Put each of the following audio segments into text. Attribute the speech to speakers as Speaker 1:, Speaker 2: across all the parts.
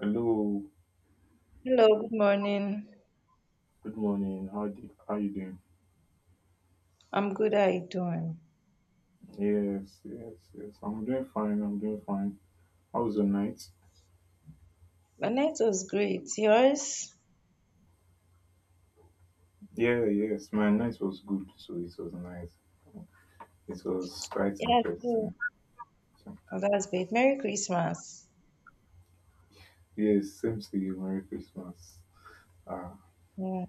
Speaker 1: Hello,
Speaker 2: Hello, good morning.
Speaker 1: good morning. How you doing?
Speaker 2: I'm good. How you doing?
Speaker 1: Yes. I'm doing fine. I'm doing fine. How was your night?
Speaker 2: My night was great. Yours?
Speaker 1: Yeah, yes. My night was good, so it was nice. It was quite
Speaker 2: Yeah, too.
Speaker 1: interesting. So,
Speaker 2: Oh, that's great. Merry Christmas.
Speaker 1: yes, same to you. Merry Christmas. Ah,
Speaker 2: Yeah.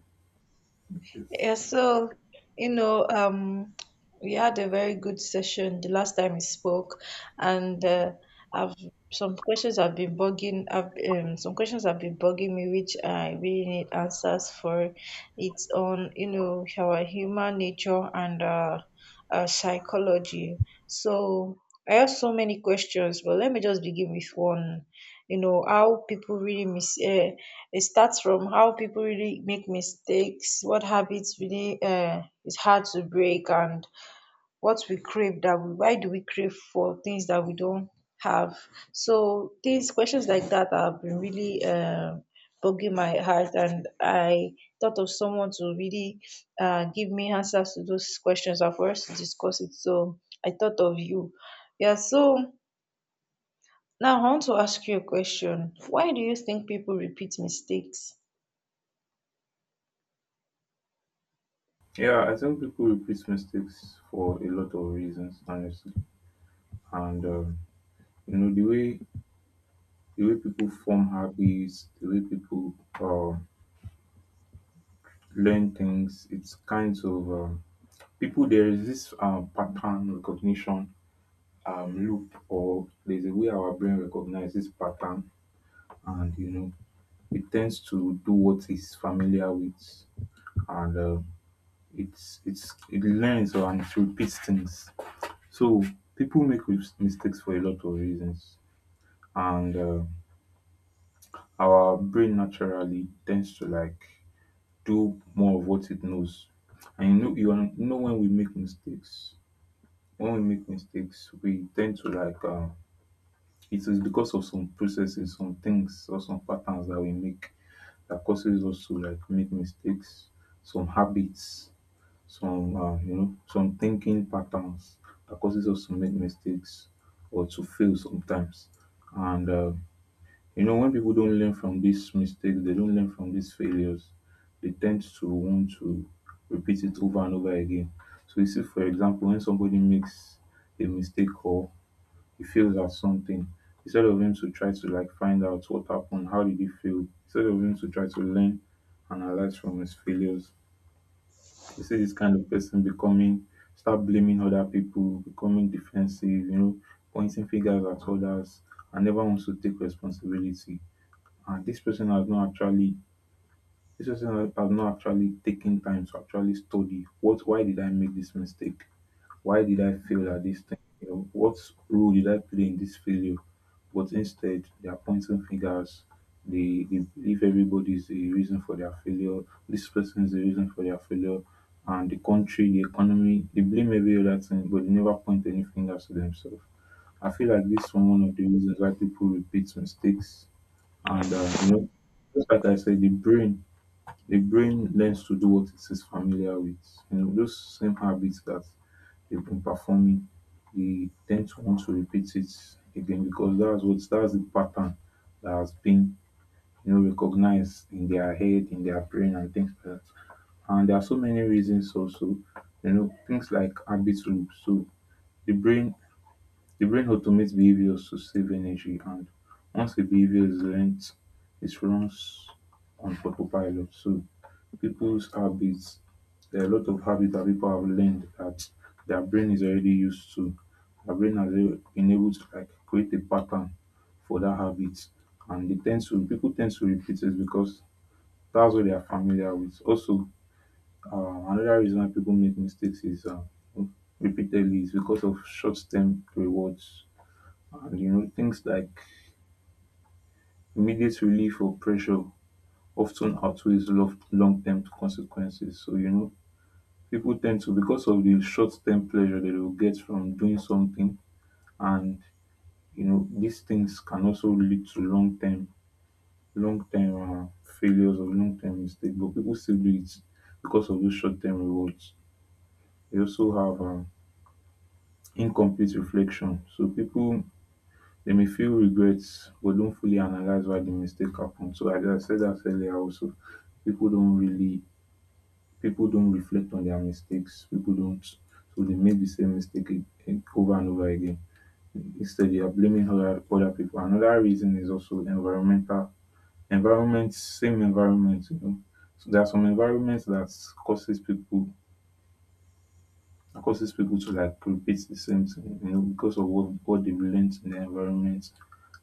Speaker 1: yes.
Speaker 2: Yeah, so you know, um, we had a very good session the last time we spoke, and I've I've some questions have been bugging me, which I really need answers for. It's on our human nature and psychology. So I have so many questions, but let me just begin with one. You know, how people really mis it starts from how people really make mistakes, what habits really is hard to break, and what we crave that we why do we crave for things that we don't have. So these questions like that have been really bugging my heart, and I thought of someone to really give me answers to those questions and for us to discuss it. So I thought of you. Yeah, so now, I want to ask you a question. Why do you think people repeat mistakes?
Speaker 1: Yeah, I think people repeat mistakes for a lot of reasons, honestly. And you know, the way people form habits, the way people uh, learn things. It's kind of. People, there is this pattern recognition loop, or there's a way our brain recognizes pattern, and you know, it tends to do what it's familiar with. And uh, it's it's it learns or and it repeats things. So people make mistakes for a lot of reasons, and our brain naturally tends to like do more of what it knows. And you know, you know, when we make mistakes, when we make mistakes, we tend to like, it is because of some processes, some things, or some patterns that we make that causes us to like make mistakes. Some habits, some you know, some thinking patterns that causes us to make mistakes or to fail sometimes. And you know, when people don't learn from these mistakes, they don't learn from these failures, they tend to want to repeat it over and over again. So you see, for example, when somebody makes a mistake or he fails at something, instead of him to try to like find out what happened, how did he fail, instead of him to try to learn, analyze from his failures, you see this kind of person becoming, start blaming other people, becoming defensive, you know, pointing fingers at others, and never wants to take responsibility. And this person has not actually, this person has not actually taken time to actually study. What? Why did I make this mistake? Why did I fail at this thing? You know, what role did I play in this failure? But instead, they are pointing fingers. They believe everybody is the reason for their failure. This person is the reason for their failure. And the country, the economy, they blame every other thing, but they never point any fingers to themselves. I feel like this is one of the reasons why people repeat mistakes. You know, just like I said, the brain learns to do what it is familiar with. You know, those same habits that they've been performing, they tend to want to repeat it again because that's the pattern that has been, you know, recognized in their head, in their brain, and things like that. And there are so many reasons also, you know, things like habit loops. So the brain the brain automates behaviors to save energy, and once a behavior is learnt, it runs on autopilot. So people's habits, there are a lot of habits that people have learned that their brain is already used to. Their brain has been able to like create a pattern for that habit, and they tend to people tend to repeat it because that's what they are familiar with. Also, another reason why people make mistakes is repeatedly is because of short-term rewards. And you know, things like immediate relief or pressure often outweighs long term consequences. So, you know, people tend to, because of the short term pleasure that they will get from doing something, and you know, these things can also lead to long term failures or long term mistakes. But people still do it because of those short term rewards. They also have incomplete reflection. So, people, they may feel regrets but don't fully analyze why the mistake happened. So as I said that earlier also, people don't really, people don't reflect on their mistakes. People don't, so they make the same mistake over and over again. Instead they are blaming other people. Another reason is also environment, same environment, you know. So there are some environments that causes people, that causes people to like repeat the same thing, you know, because of what they've learned in their environment.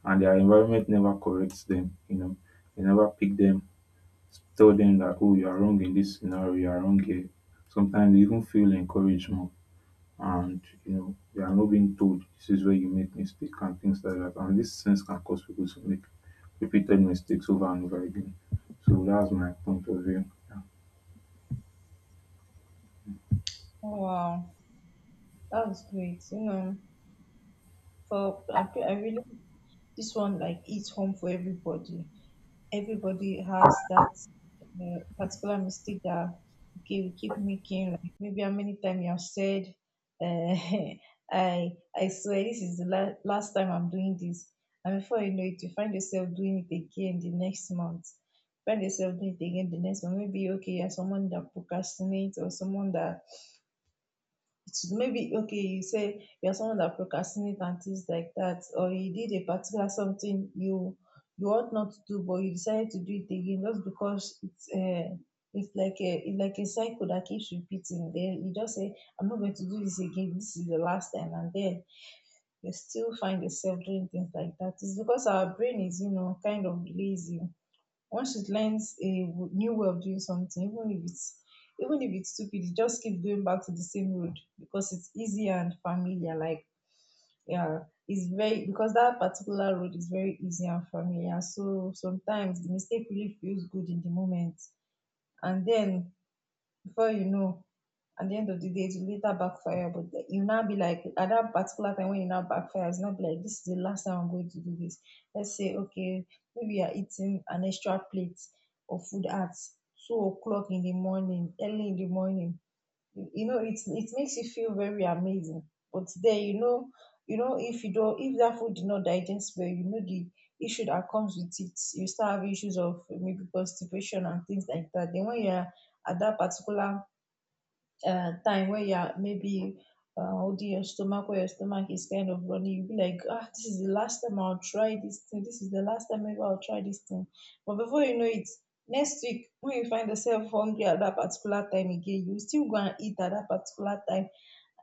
Speaker 1: And their environment never corrects them, you know, they never pick them, tell them that, oh, you are wrong in this scenario, you are wrong here. Sometimes they even feel encouragement and, you know, they are not being told this is where you make mistake and things like that. And this sense can cause people to make repeated mistakes over and over again. So that's my point of view. Yeah.
Speaker 2: Wow, that's great. You know, for I really this one like hits home for everybody. Everybody has that particular mistake that, okay, we keep making. Like, maybe how many times you have said, uh, I swear this is the last time I'm doing this, and before you know it you find yourself doing it again the next month, find yourself doing it again the next month. Maybe, okay, you're someone that procrastinates, or someone that, it's maybe, okay, you say you're someone that procrastinates and things like that, or you did a particular something you ought not to do, but you decided to do it again just because it's like a cycle that keeps repeating. Then you just say, I'm not going to do this again, this is the last time, and then you still find yourself doing things like that. It's because our brain is, kind of lazy. Once she learns a new way of doing something, even if it's stupid, it just keeps going back to the same road because it's easy and familiar. Like, yeah, it's very, because that particular road is very easy and familiar. So sometimes the mistake really feels good in the moment, and then before you know, at the end of the day it will later backfire. But you now be like, at that particular time when you now backfire, it's not be like, this is the last time I'm going to do this. Let's say, okay, maybe you're eating an extra plate of food at 2 o'clock in the morning, early in the morning. You know, it's, it makes you feel very amazing. But then, you know, if you don't, if that food did not digest well, the issue that comes with it, you start having issues of maybe constipation and things like that. Then when you're at that particular time where you are maybe holding your stomach, where your stomach is kind of running, you'll be like, ah, this is the last time I'll try this thing. This is the last time ever I'll try this thing. But before you know it, next week, when you find yourself hungry at that particular time again, you still go and eat at that particular time,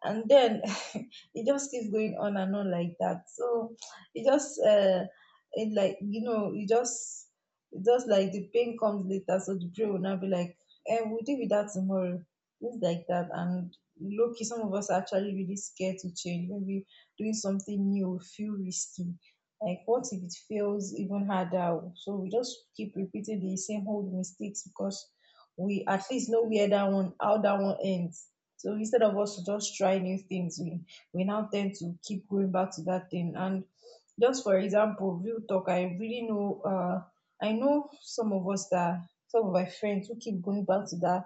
Speaker 2: and then it just keeps going on and on like that. So it just it like, it just, like the pain comes later. So the brain will now be like, eh, we'll deal with that tomorrow, things like that. And low-key, some of us are actually really scared to change. Maybe doing something new will feel risky, like, what if it fails even harder? So we just keep repeating the same old mistakes because we at least know where that one how that one ends. So instead of us to just try new things, we now tend to keep going back to that thing. And just for example, real talk, I really know, I know some of us that, some of my friends who keep going back to that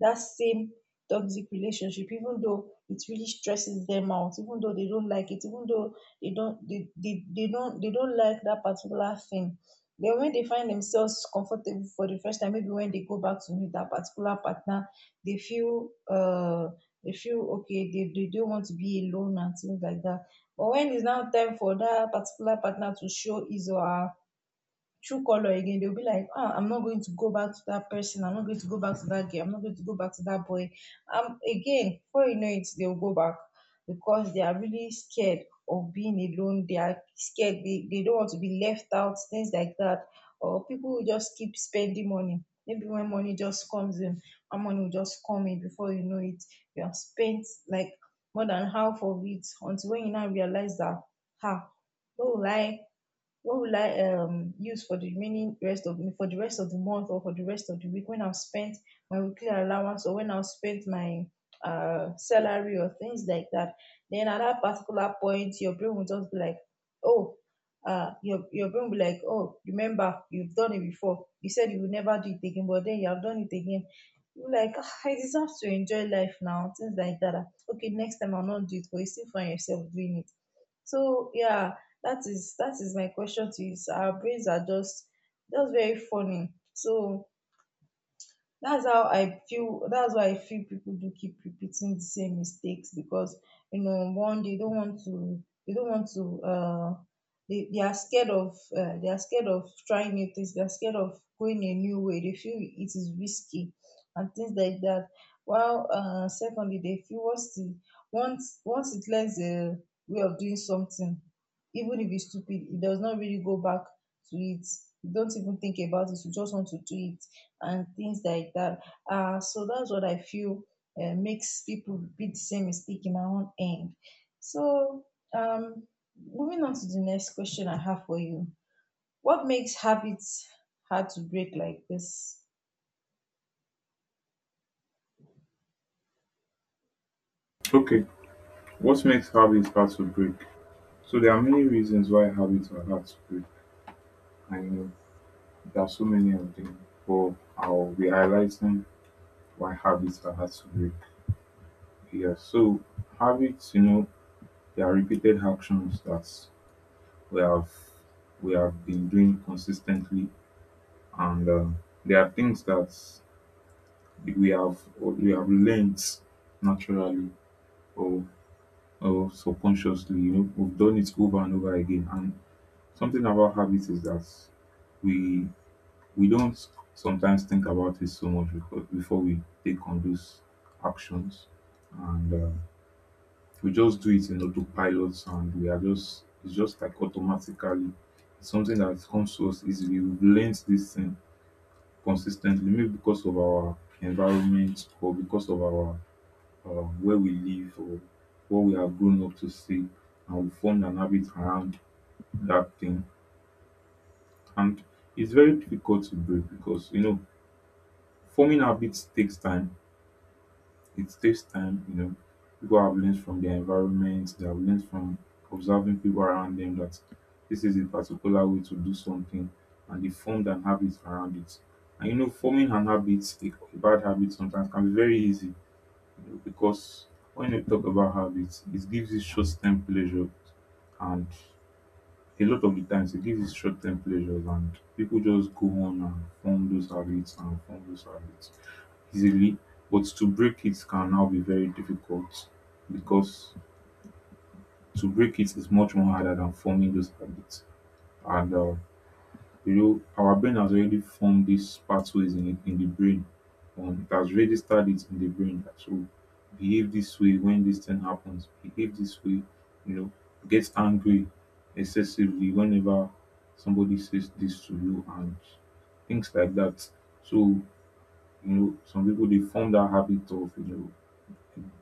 Speaker 2: same toxic relationship, even though it really stresses them out, even though they don't like it, even though they don't like that particular thing. Then when they find themselves comfortable for the first time, maybe when they go back to meet that particular partner, they feel uh they feel okay, they don't want to be alone and things like that. But when it's now time for that particular partner to show his or her true color again, they'll be like, ah, I'm not going to go back to that person, I'm not going to go back to that girl, I'm not going to go back to that boy. Again, before you know it, they'll go back because they are really scared of being alone. They are scared, they don't want to be left out, things like that. Or people will just keep spending money. Maybe when money just comes in, our money will just come in, before you know it you have spent like more than half of it, until when you now realize that, ha, no lie, what will I use for the remaining rest of for the rest of the month, or for the rest of the week, when I've spent my weekly allowance, or when I've spent my salary, or things like that. Then at that particular point, your brain will just be like, oh, your brain will be like, oh, remember, you've done it before. You said you would never do it again, but then you have done it again. You're like, "Ah, I deserve to enjoy life now," things like that. Ah, okay, next time I'll not do it, but you still find yourself doing it. So yeah, that is my question to you, sir. Our brains are just very funny. So that's how I feel. That's why I feel people do keep repeating the same mistakes, because, one, they don't want to, they are scared of trying new things, they are scared of going a new way, they feel it is risky and things like that. While, secondly, they feel once the once it learns a way of doing something, even if it's stupid, it does not really go back to it. You don't even think about it, you just want to do it and things like that. So that's what I feel makes people repeat the same mistake in my own end. So, um, moving on to the next question I have for you. What makes habits hard to break like this?
Speaker 1: Okay, what makes habits hard to break? So there are many reasons why habits are hard to break, and you know there are so many of them. But I'll be highlighting why habits are hard to break. Yeah, so habits, you know, they are repeated actions that we have we have been doing consistently, and there are things that we have learned naturally or or subconsciously. You know, we've done it over and over again. And something about habits is that we we don't sometimes think about it so much because before we take on those actions, and we just do it in autopilot, and we are just, it's just like automatically, it's something that comes to us easily. We've learned this thing consistently, maybe because of our environment, or because of our where we live, or what we have grown up to see, and we formed an habit around that thing, and it's very difficult to break because you know forming habits takes time. It takes time, you know. People have learned from their environment, they have learned from observing people around them that this is a particular way to do something, and they formed an habit around it. And you know, forming an habit, a bad habit sometimes can be very easy, you know, because when you talk about habits, it gives you short term pleasure, and a lot of the times it gives you short term pleasures, and people just go on and form those habits, and form those habits easily, but to break it can now be very difficult because to break it is much more harder than forming those habits. And you know, our brain has already formed these pathways in it, in the brain. It has already started in the brain that, so behave this way when this thing happens. Behave this way, you know, get angry excessively whenever somebody says this to you, and things like that. So you know, some people, they form that habit of, you know,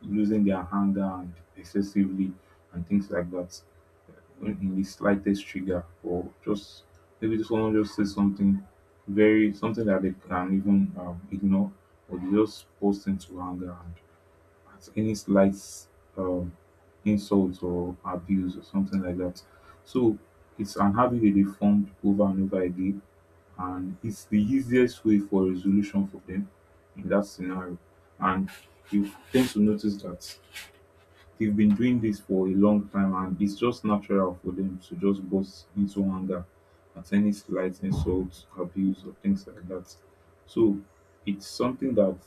Speaker 1: losing their anger and excessively, and things like that, in the slightest trigger, or just maybe just someone just says something very, something that they can even ignore, or they just burst into anger and at any slight um, insult or abuse or something like that. So it's an habit that they formed over and over again, and it's the easiest way for resolution for them in that scenario. And you tend to notice that they've been doing this for a long time, and it's just natural for them to just burst into anger at any slight insult, abuse, or things like that. So it's something that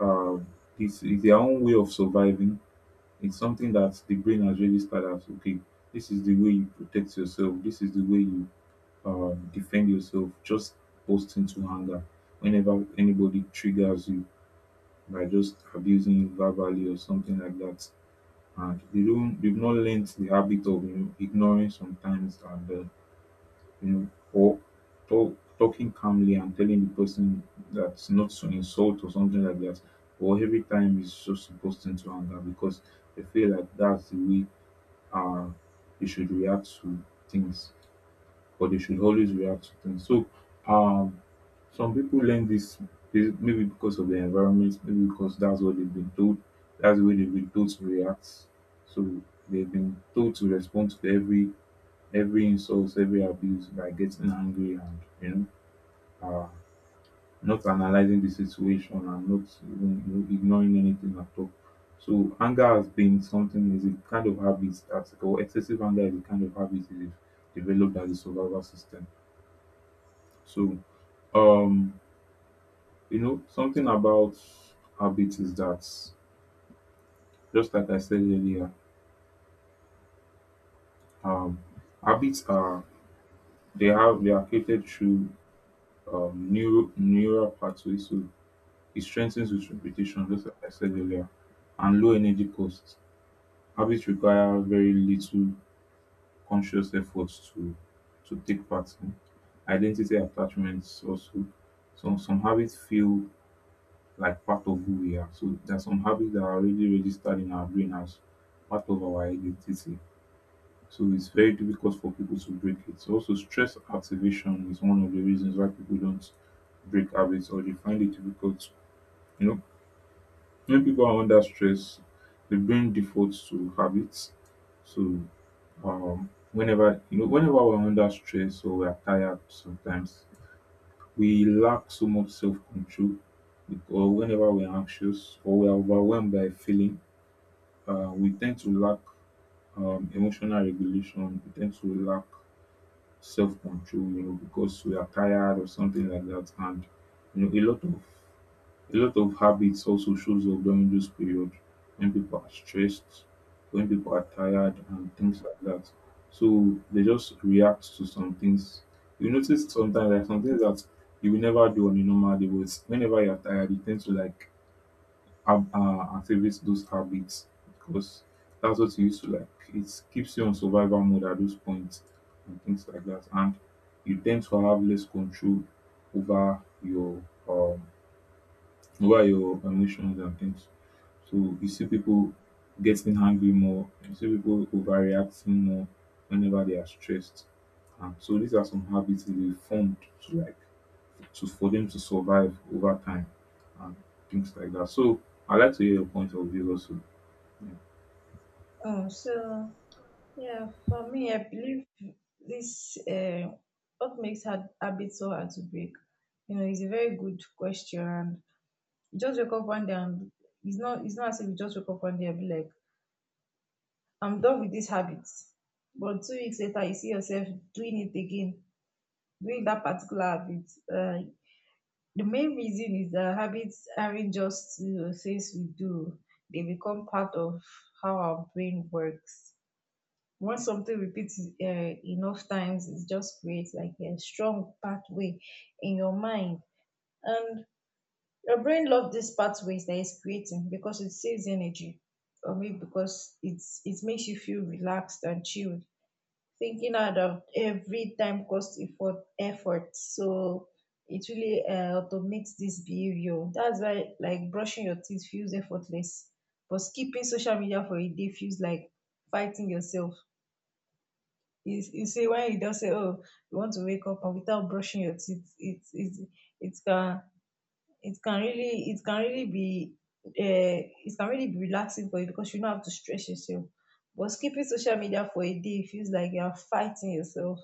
Speaker 1: uh, it's their own way of surviving. It's something that the brain has registered as, okay, this is the way you protect yourself, this is the way you defend yourself, just burst into anger whenever anybody triggers you by just abusing you verbally or something like that, and they don't, they've not learned the habit of, you know, ignoring sometimes, and you know, or talking calmly and telling the person that's not to insult or something like that, or every time is just supposed into anger because they feel like that's the way uh they should react to things, but they should always react to things. So um some people learn this, this maybe because of their environment, maybe because that's what they've been told. That's the way they've been told to react. So they've been told to respond to every insult, every abuse by getting angry, and you know, uh, not analyzing the situation, and not even, you know, ignoring anything at all. So anger has been something, is a kind of habit that, or excessive anger is a kind of habit that is developed as a survival system. So um, you know, something about habits is that, just like I said earlier, um, habits are, they are created through neural pathways, so it strengthens with repetition, just like I said earlier, and low energy costs. Habits require very little conscious efforts to take part in. Identity attachments also. Some habits feel like part of who we are. So there are some habits that are already registered in our brain as part of our identity. So it's very difficult for people to break it. So also stress activation is one of the reasons why people don't break habits or they find it difficult. You know, when people are under stress, the brain defaults to habits. So whenever we're under stress or we're tired sometimes we lack so much self-control because whenever we're anxious or we're overwhelmed by a feeling, we tend to lack emotional regulation. We tend to lack self-control because we are tired or something like that. And you know, a lot of a lot of habits also shows up during this period when people are stressed, when people are tired and things like that. So they just react to some things. You notice sometimes like some things that you will never do on a normal day, but whenever you're tired, you tend to like activate those habits because that's what you used to like. It keeps you on survival mode at those points and things like that. And you tend to have less control over your um over your emotions and things. So you see people getting angry more, you see people overreacting more whenever they are stressed. So these are some habits that they formed to to for them to survive over time and things like that. So I like to hear your point of view also. Yeah,
Speaker 2: Oh, so yeah, for me, I believe this what makes hard habits so hard to break. You know, it's a very good question. You just wake up one day, and it's not, as if you just wake up one day and be like, I'm done with this habit. But 2 weeks later, you see yourself doing it again, doing that particular habit. Uh, the main reason is that habits aren't just, things we do, they become part of how our brain works. Once something repeats, enough times, it just creates like a strong pathway in your mind. And your brain loves these pathways that it's creating because it saves energy. For me, because it makes you feel relaxed and chilled. Thinking out of every time cost effort, so it really automates this behavior. That's why like brushing your teeth feels effortless, but skipping social media for a day feels like fighting yourself. You see, when you just say, oh, you want to wake up and without brushing your teeth, it it can it can really be it can really be relaxing for you because you don't have to stress yourself. But skipping social media for a day feels like you are fighting yourself.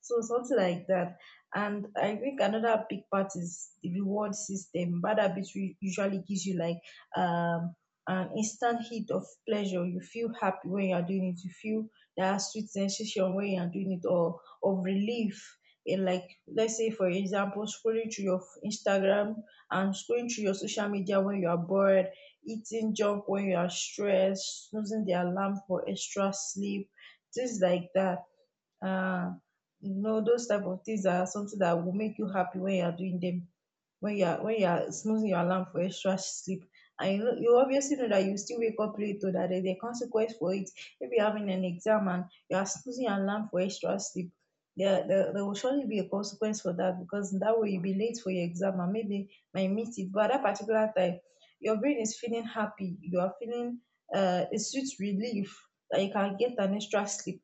Speaker 2: So something like that. And I think another big part is the reward system. Bad habits usually gives you like, um an instant hit of pleasure. You feel happy when you are doing it. You feel that sweet sensation when you are doing it, or of relief. And like, let's say for example, scrolling through your Instagram and scrolling through your social media when you are bored, eating junk when you are stressed, snoozing the alarm for extra sleep, things like that. Uh, you know those type of things are something that will make you happy when you are doing them, when you are snoozing your alarm for extra sleep, and you know you obviously know that you still wake up late or that there's a consequence for it. If you're having an exam and you are snoozing your alarm for extra sleep, there will surely be a consequence for that, because that way you'll be late for your exam and maybe might miss it. But at that particular time your brain is feeling happy, you are feeling a sweet relief that you can get an extra sleep.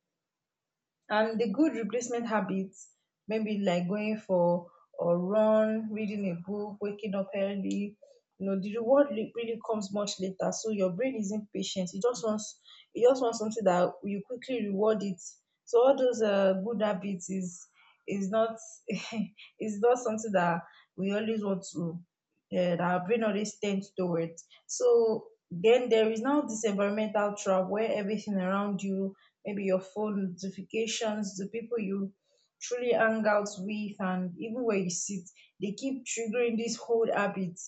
Speaker 2: And the good replacement habits, maybe like going for a run, reading a book, waking up early, you know the reward really comes much later, so your brain isn't patient, it just wants something that you quickly reward it. So all those good habits is not is not something that we always want to that our brain always tends towards. So then there is now this environmental trap, where everything around you, maybe your phone notifications, the people you truly hang out with, and even where you sit, they keep triggering this whole habit.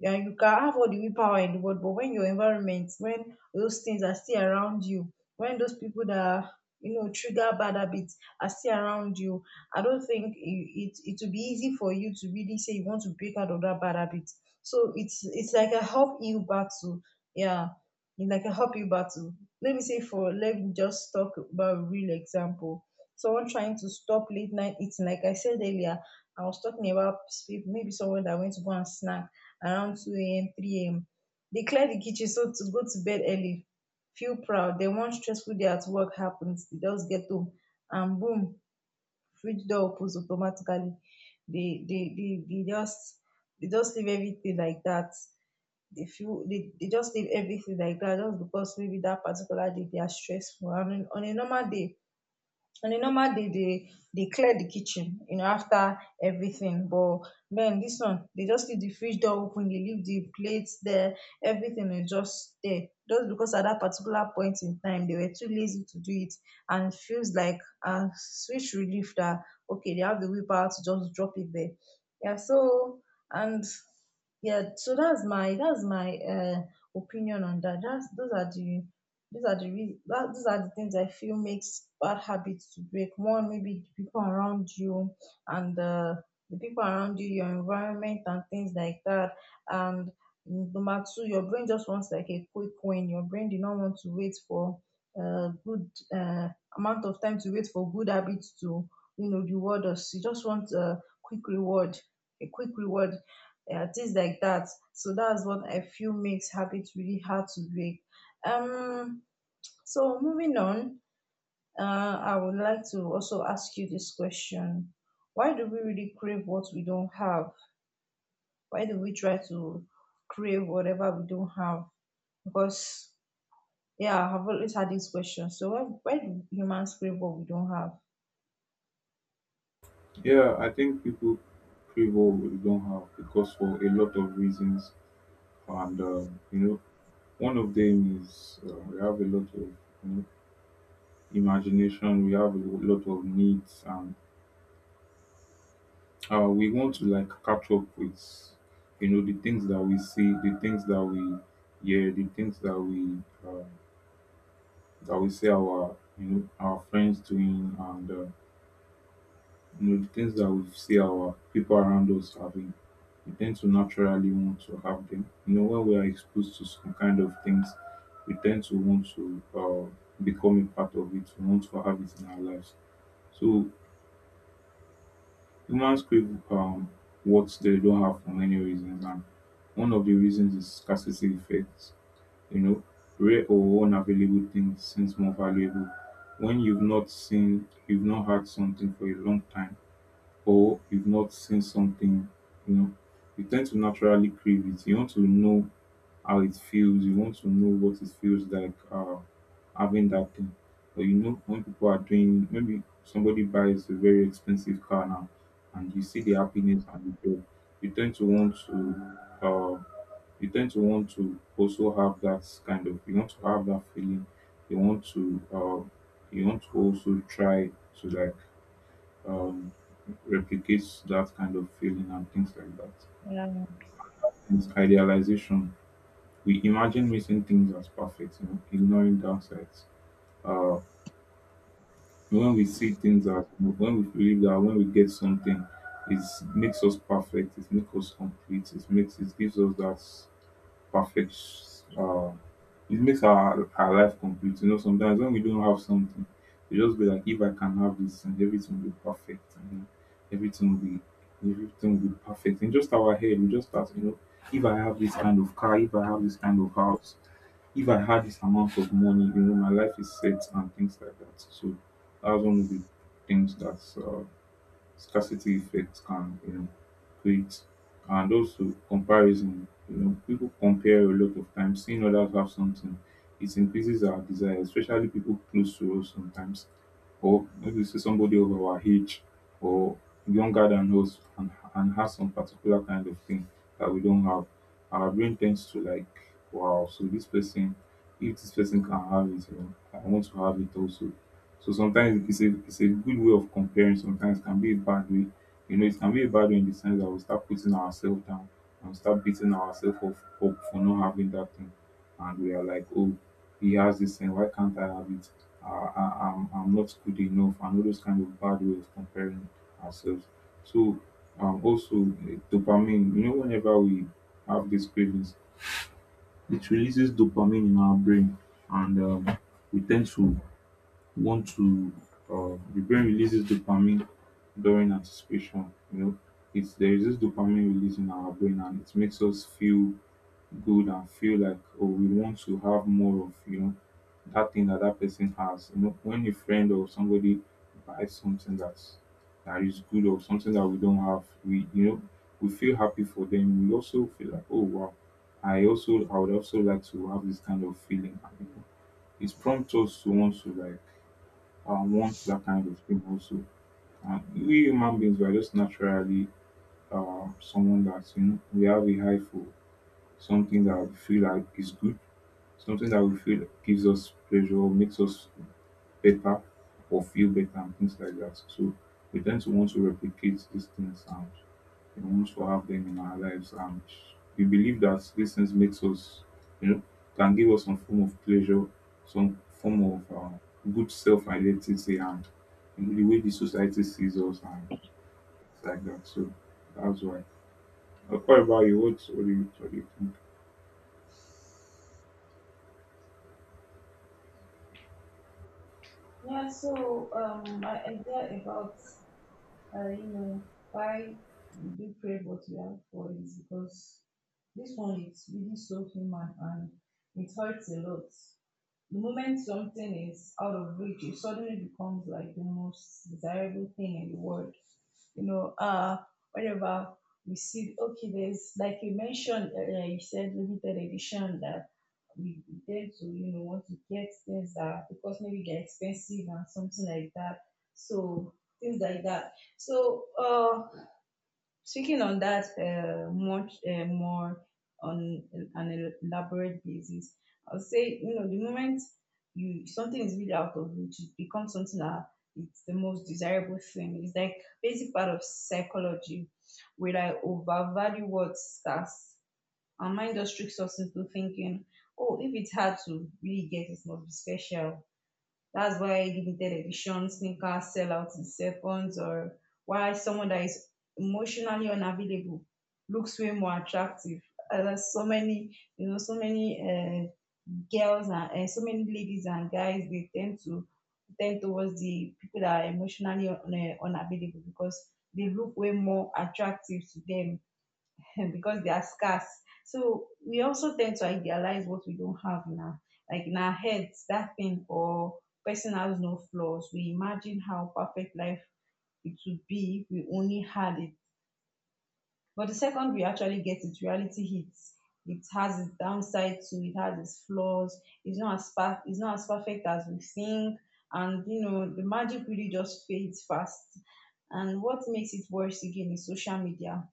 Speaker 2: Yeah, you can have all the willpower in the world, but when your environment, when those things are still around you, when those people that are, you know, trigger bad habits are still around you, I don't think it will be easy for you to really say you want to break out of that bad habit. So it's like a help you battle. Yeah, it's like a help you battle. Let me just talk about a real example. Someone trying to stop late night eating. Like I said earlier, I was talking about maybe someone that went to go and snack around 2 a.m. 3 a.m. They clear the kitchen so to go to bed early, feel proud. Then one stressful day at work happens, they just get home and boom, fridge door opens automatically. They they they, they just they just leave everything like that. They just leave everything like that just because maybe that particular day they are stressful. And on a normal day, they clear the kitchen, you know, after everything. But men, this one they just leave the fridge door open, they leave the plates there, everything is just there, just because at that particular point in time they were too lazy to do it. And it feels like a sweet relief that, okay, they have the willpower to just drop it there. Yeah. So and yeah, so that's my opinion on that. That's those are the these are the reasons, these are the things I feel makes bad habits to break. One, maybe the people around you, and the people around you, your environment and things like that. And number two, your brain just wants like a quick win. Your brain do not want to wait for a good amount of time to wait for good habits to reward us. You just want a quick reward, a quick reward, things like that. So that's what I feel makes habits really hard to break. Um, so moving on, uh, I would like to also ask you this question. Why do we really crave what we don't have? Why do we try to crave whatever we don't have? Because, yeah, I've always had this question. So why do humans crave what we don't have?
Speaker 1: yeah, I think people crave all what they don't have because for a lot of reasons, and one of them is we have a lot of know imagination, we have a lot of needs and we want to like catch up with the things that we see, the things that we hear, the things uh, that we see our our friends doing and the things that we see our people around us having. We tend to naturally want to have them. You know, when we are exposed to some kind of things, we tend to want to become a part of it. We want to have it in our lives. So humans crave what they don't have for many reasons, and one of the reasons is scarcity effect. You know, rare or unavailable things seems more valuable. When you've not seen, you've not had something for a long time, or you've not seen something, you know, you tend to naturally crave it. You want to know how it feels. You want to know what it feels like having that thing. But you know, when people are doing, maybe somebody buys a very expensive car now, and you see the happiness and the joy, you tend to uh, you tend to want to also have that kind of, you want to have that feeling. You want to, uh, you want to also try to um, replicate that kind of feeling and things like that.
Speaker 2: Yeah.
Speaker 1: It's idealization, we imagine missing things as perfect, you know, ignoring downsides. Uh, when we see things as when we believe that when we get something, it makes us perfect, it makes us complete, it makes it gives us that perfect uh, it makes our life complete. You know, sometimes when we don't have something, we just be like, if I can have this and everything will be perfect and then everything will be everything will be perfect. In just our head, we just start, you know, if I have this kind of car, if I have this kind of house, if I had this amount of money, you know, my life is set and things like that. So that's one of the things that's scarcity effect can you know create. And also comparison, you know, people compare a lot of times, seeing others have something, it increases our desire, especially people close to us sometimes, or maybe see somebody of our age or younger than us and, has some particular kind of thing that we don't have. Our brain tends to like, wow, so this person, if this person can have it, you know, I want to have it also. So sometimes it's a good way of comparing, sometimes it can be a bad way. You know, it can be a bad way in the sense that we start putting ourselves down and start beating ourselves up, for not having that thing. And we are like, oh, he has this thing, why can't I have it? I'm not good enough, and all those kind of bad way of comparing ourselves. So, also, dopamine, you know, whenever we have these cravings, it releases dopamine in our brain, and we tend to want to the brain releases dopamine during anticipation. You know, it's there is this dopamine release in our brain, and it makes us feel good and feel like, oh, we want to have more of, you know, that thing that that person has. You know, when a friend or somebody buys something that's that is good, or something that we don't have, we you know we feel happy for them. We also feel like, oh wow, I would also like to have this kind of feeling. You know, it prompts us to want to want that kind of people. So we human beings, we are just naturally someone that, you know, we have a high for something that we feel like is good, something that we feel gives us pleasure, makes us better, or feel better and things like that. So we tend to want to replicate these things and wants for have them in our lives, and we believe that these things makes us, you know, can give us some form of pleasure, some form of good self-identity, and you know, the way the society sees us, and it's like that. So that's why. What about you what do you think?
Speaker 2: Yeah, so my idea about you know why we do pray what we have for is because this one is really so human and it hurts a lot. The moment something is out of reach, it suddenly becomes like the most desirable thing in the world. You know, whenever we see, okay, there's, like you mentioned, yeah, you said limited edition, that we tend to, you know, want to get things that, because maybe they're expensive and something like that. So things like that. So, speaking on that much more on an elaborate basis, I'll say you know the moment you something is really out of reach, it becomes something that, it's the most desirable thing. It's like basic part of psychology, where I overvalue what scarce and mind just tricks us into thinking, oh, if it's hard to really get, it must be special. That's why limited edition sneakers sell out in seconds, or why someone that is emotionally unavailable looks way more attractive. There's so many girls and so many ladies and guys, they tend towards the people that are emotionally unavailable because they look way more attractive to them because they are scarce. So we also tend to idealize what we don't have now. Like in our heads, that thing or person has no flaws. We imagine how perfect life it would be if we only had it. But the second we actually get it, reality hits. It has its downside to, it has its flaws. It's not as perfect as we think. And you know, the magic really just fades fast. And what makes it worse again is social media.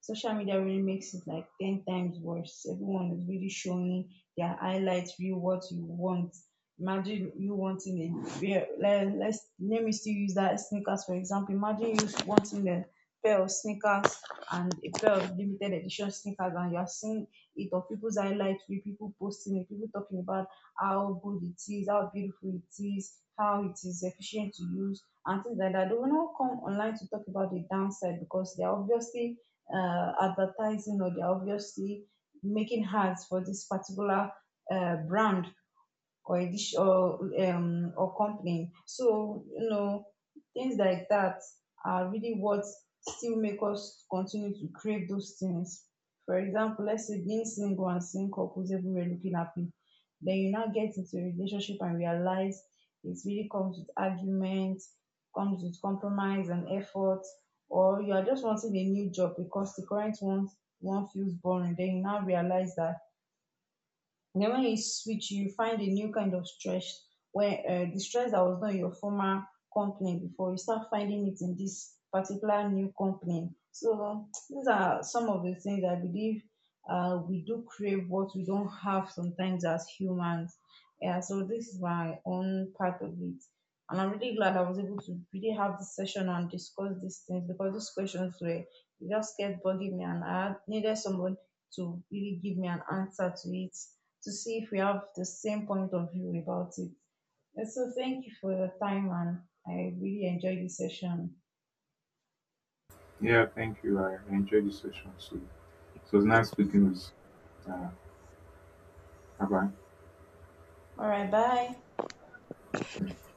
Speaker 2: Social media really makes it like 10 times worse. Everyone is really showing their highlights, real what you want. Imagine you wanting a pair, let me still use that sneakers for example. Imagine you wanting a pair of sneakers and a pair of limited edition sneakers, and you are seeing it on people's highlights, with people posting it, people talking about how good it is, how beautiful it is, how it is efficient to use, and things like that. They will not come online to talk about the downside because they are obviously advertising, or they're obviously making ads for this particular brand or a dish or company. So you know things like that are really what still make us continue to crave those things. For example, let's say being single and seeing couples everywhere looking happy, then you now get into a relationship and realize it really comes with arguments, comes with compromise and effort. Or you are just wanting a new job because the current one feels boring, then you now realize that, and then when you switch, you find a new kind of stress where the stress that was not in your former company before, you start finding it in this particular new company. So these are some of the things I believe we do crave what we don't have sometimes as humans. Yeah, so this is my own part of it. And I'm really glad I was able to really have this session and discuss these things, because these questions were, they just kept bugging me and I needed someone to really give me an answer to it, to see if we have the same point of view about it. And so thank you for your time and I really enjoyed this session.
Speaker 1: Yeah, thank you, I enjoyed the session. So so it was nice speaking with you. Bye.
Speaker 2: All right, bye.
Speaker 1: Bye.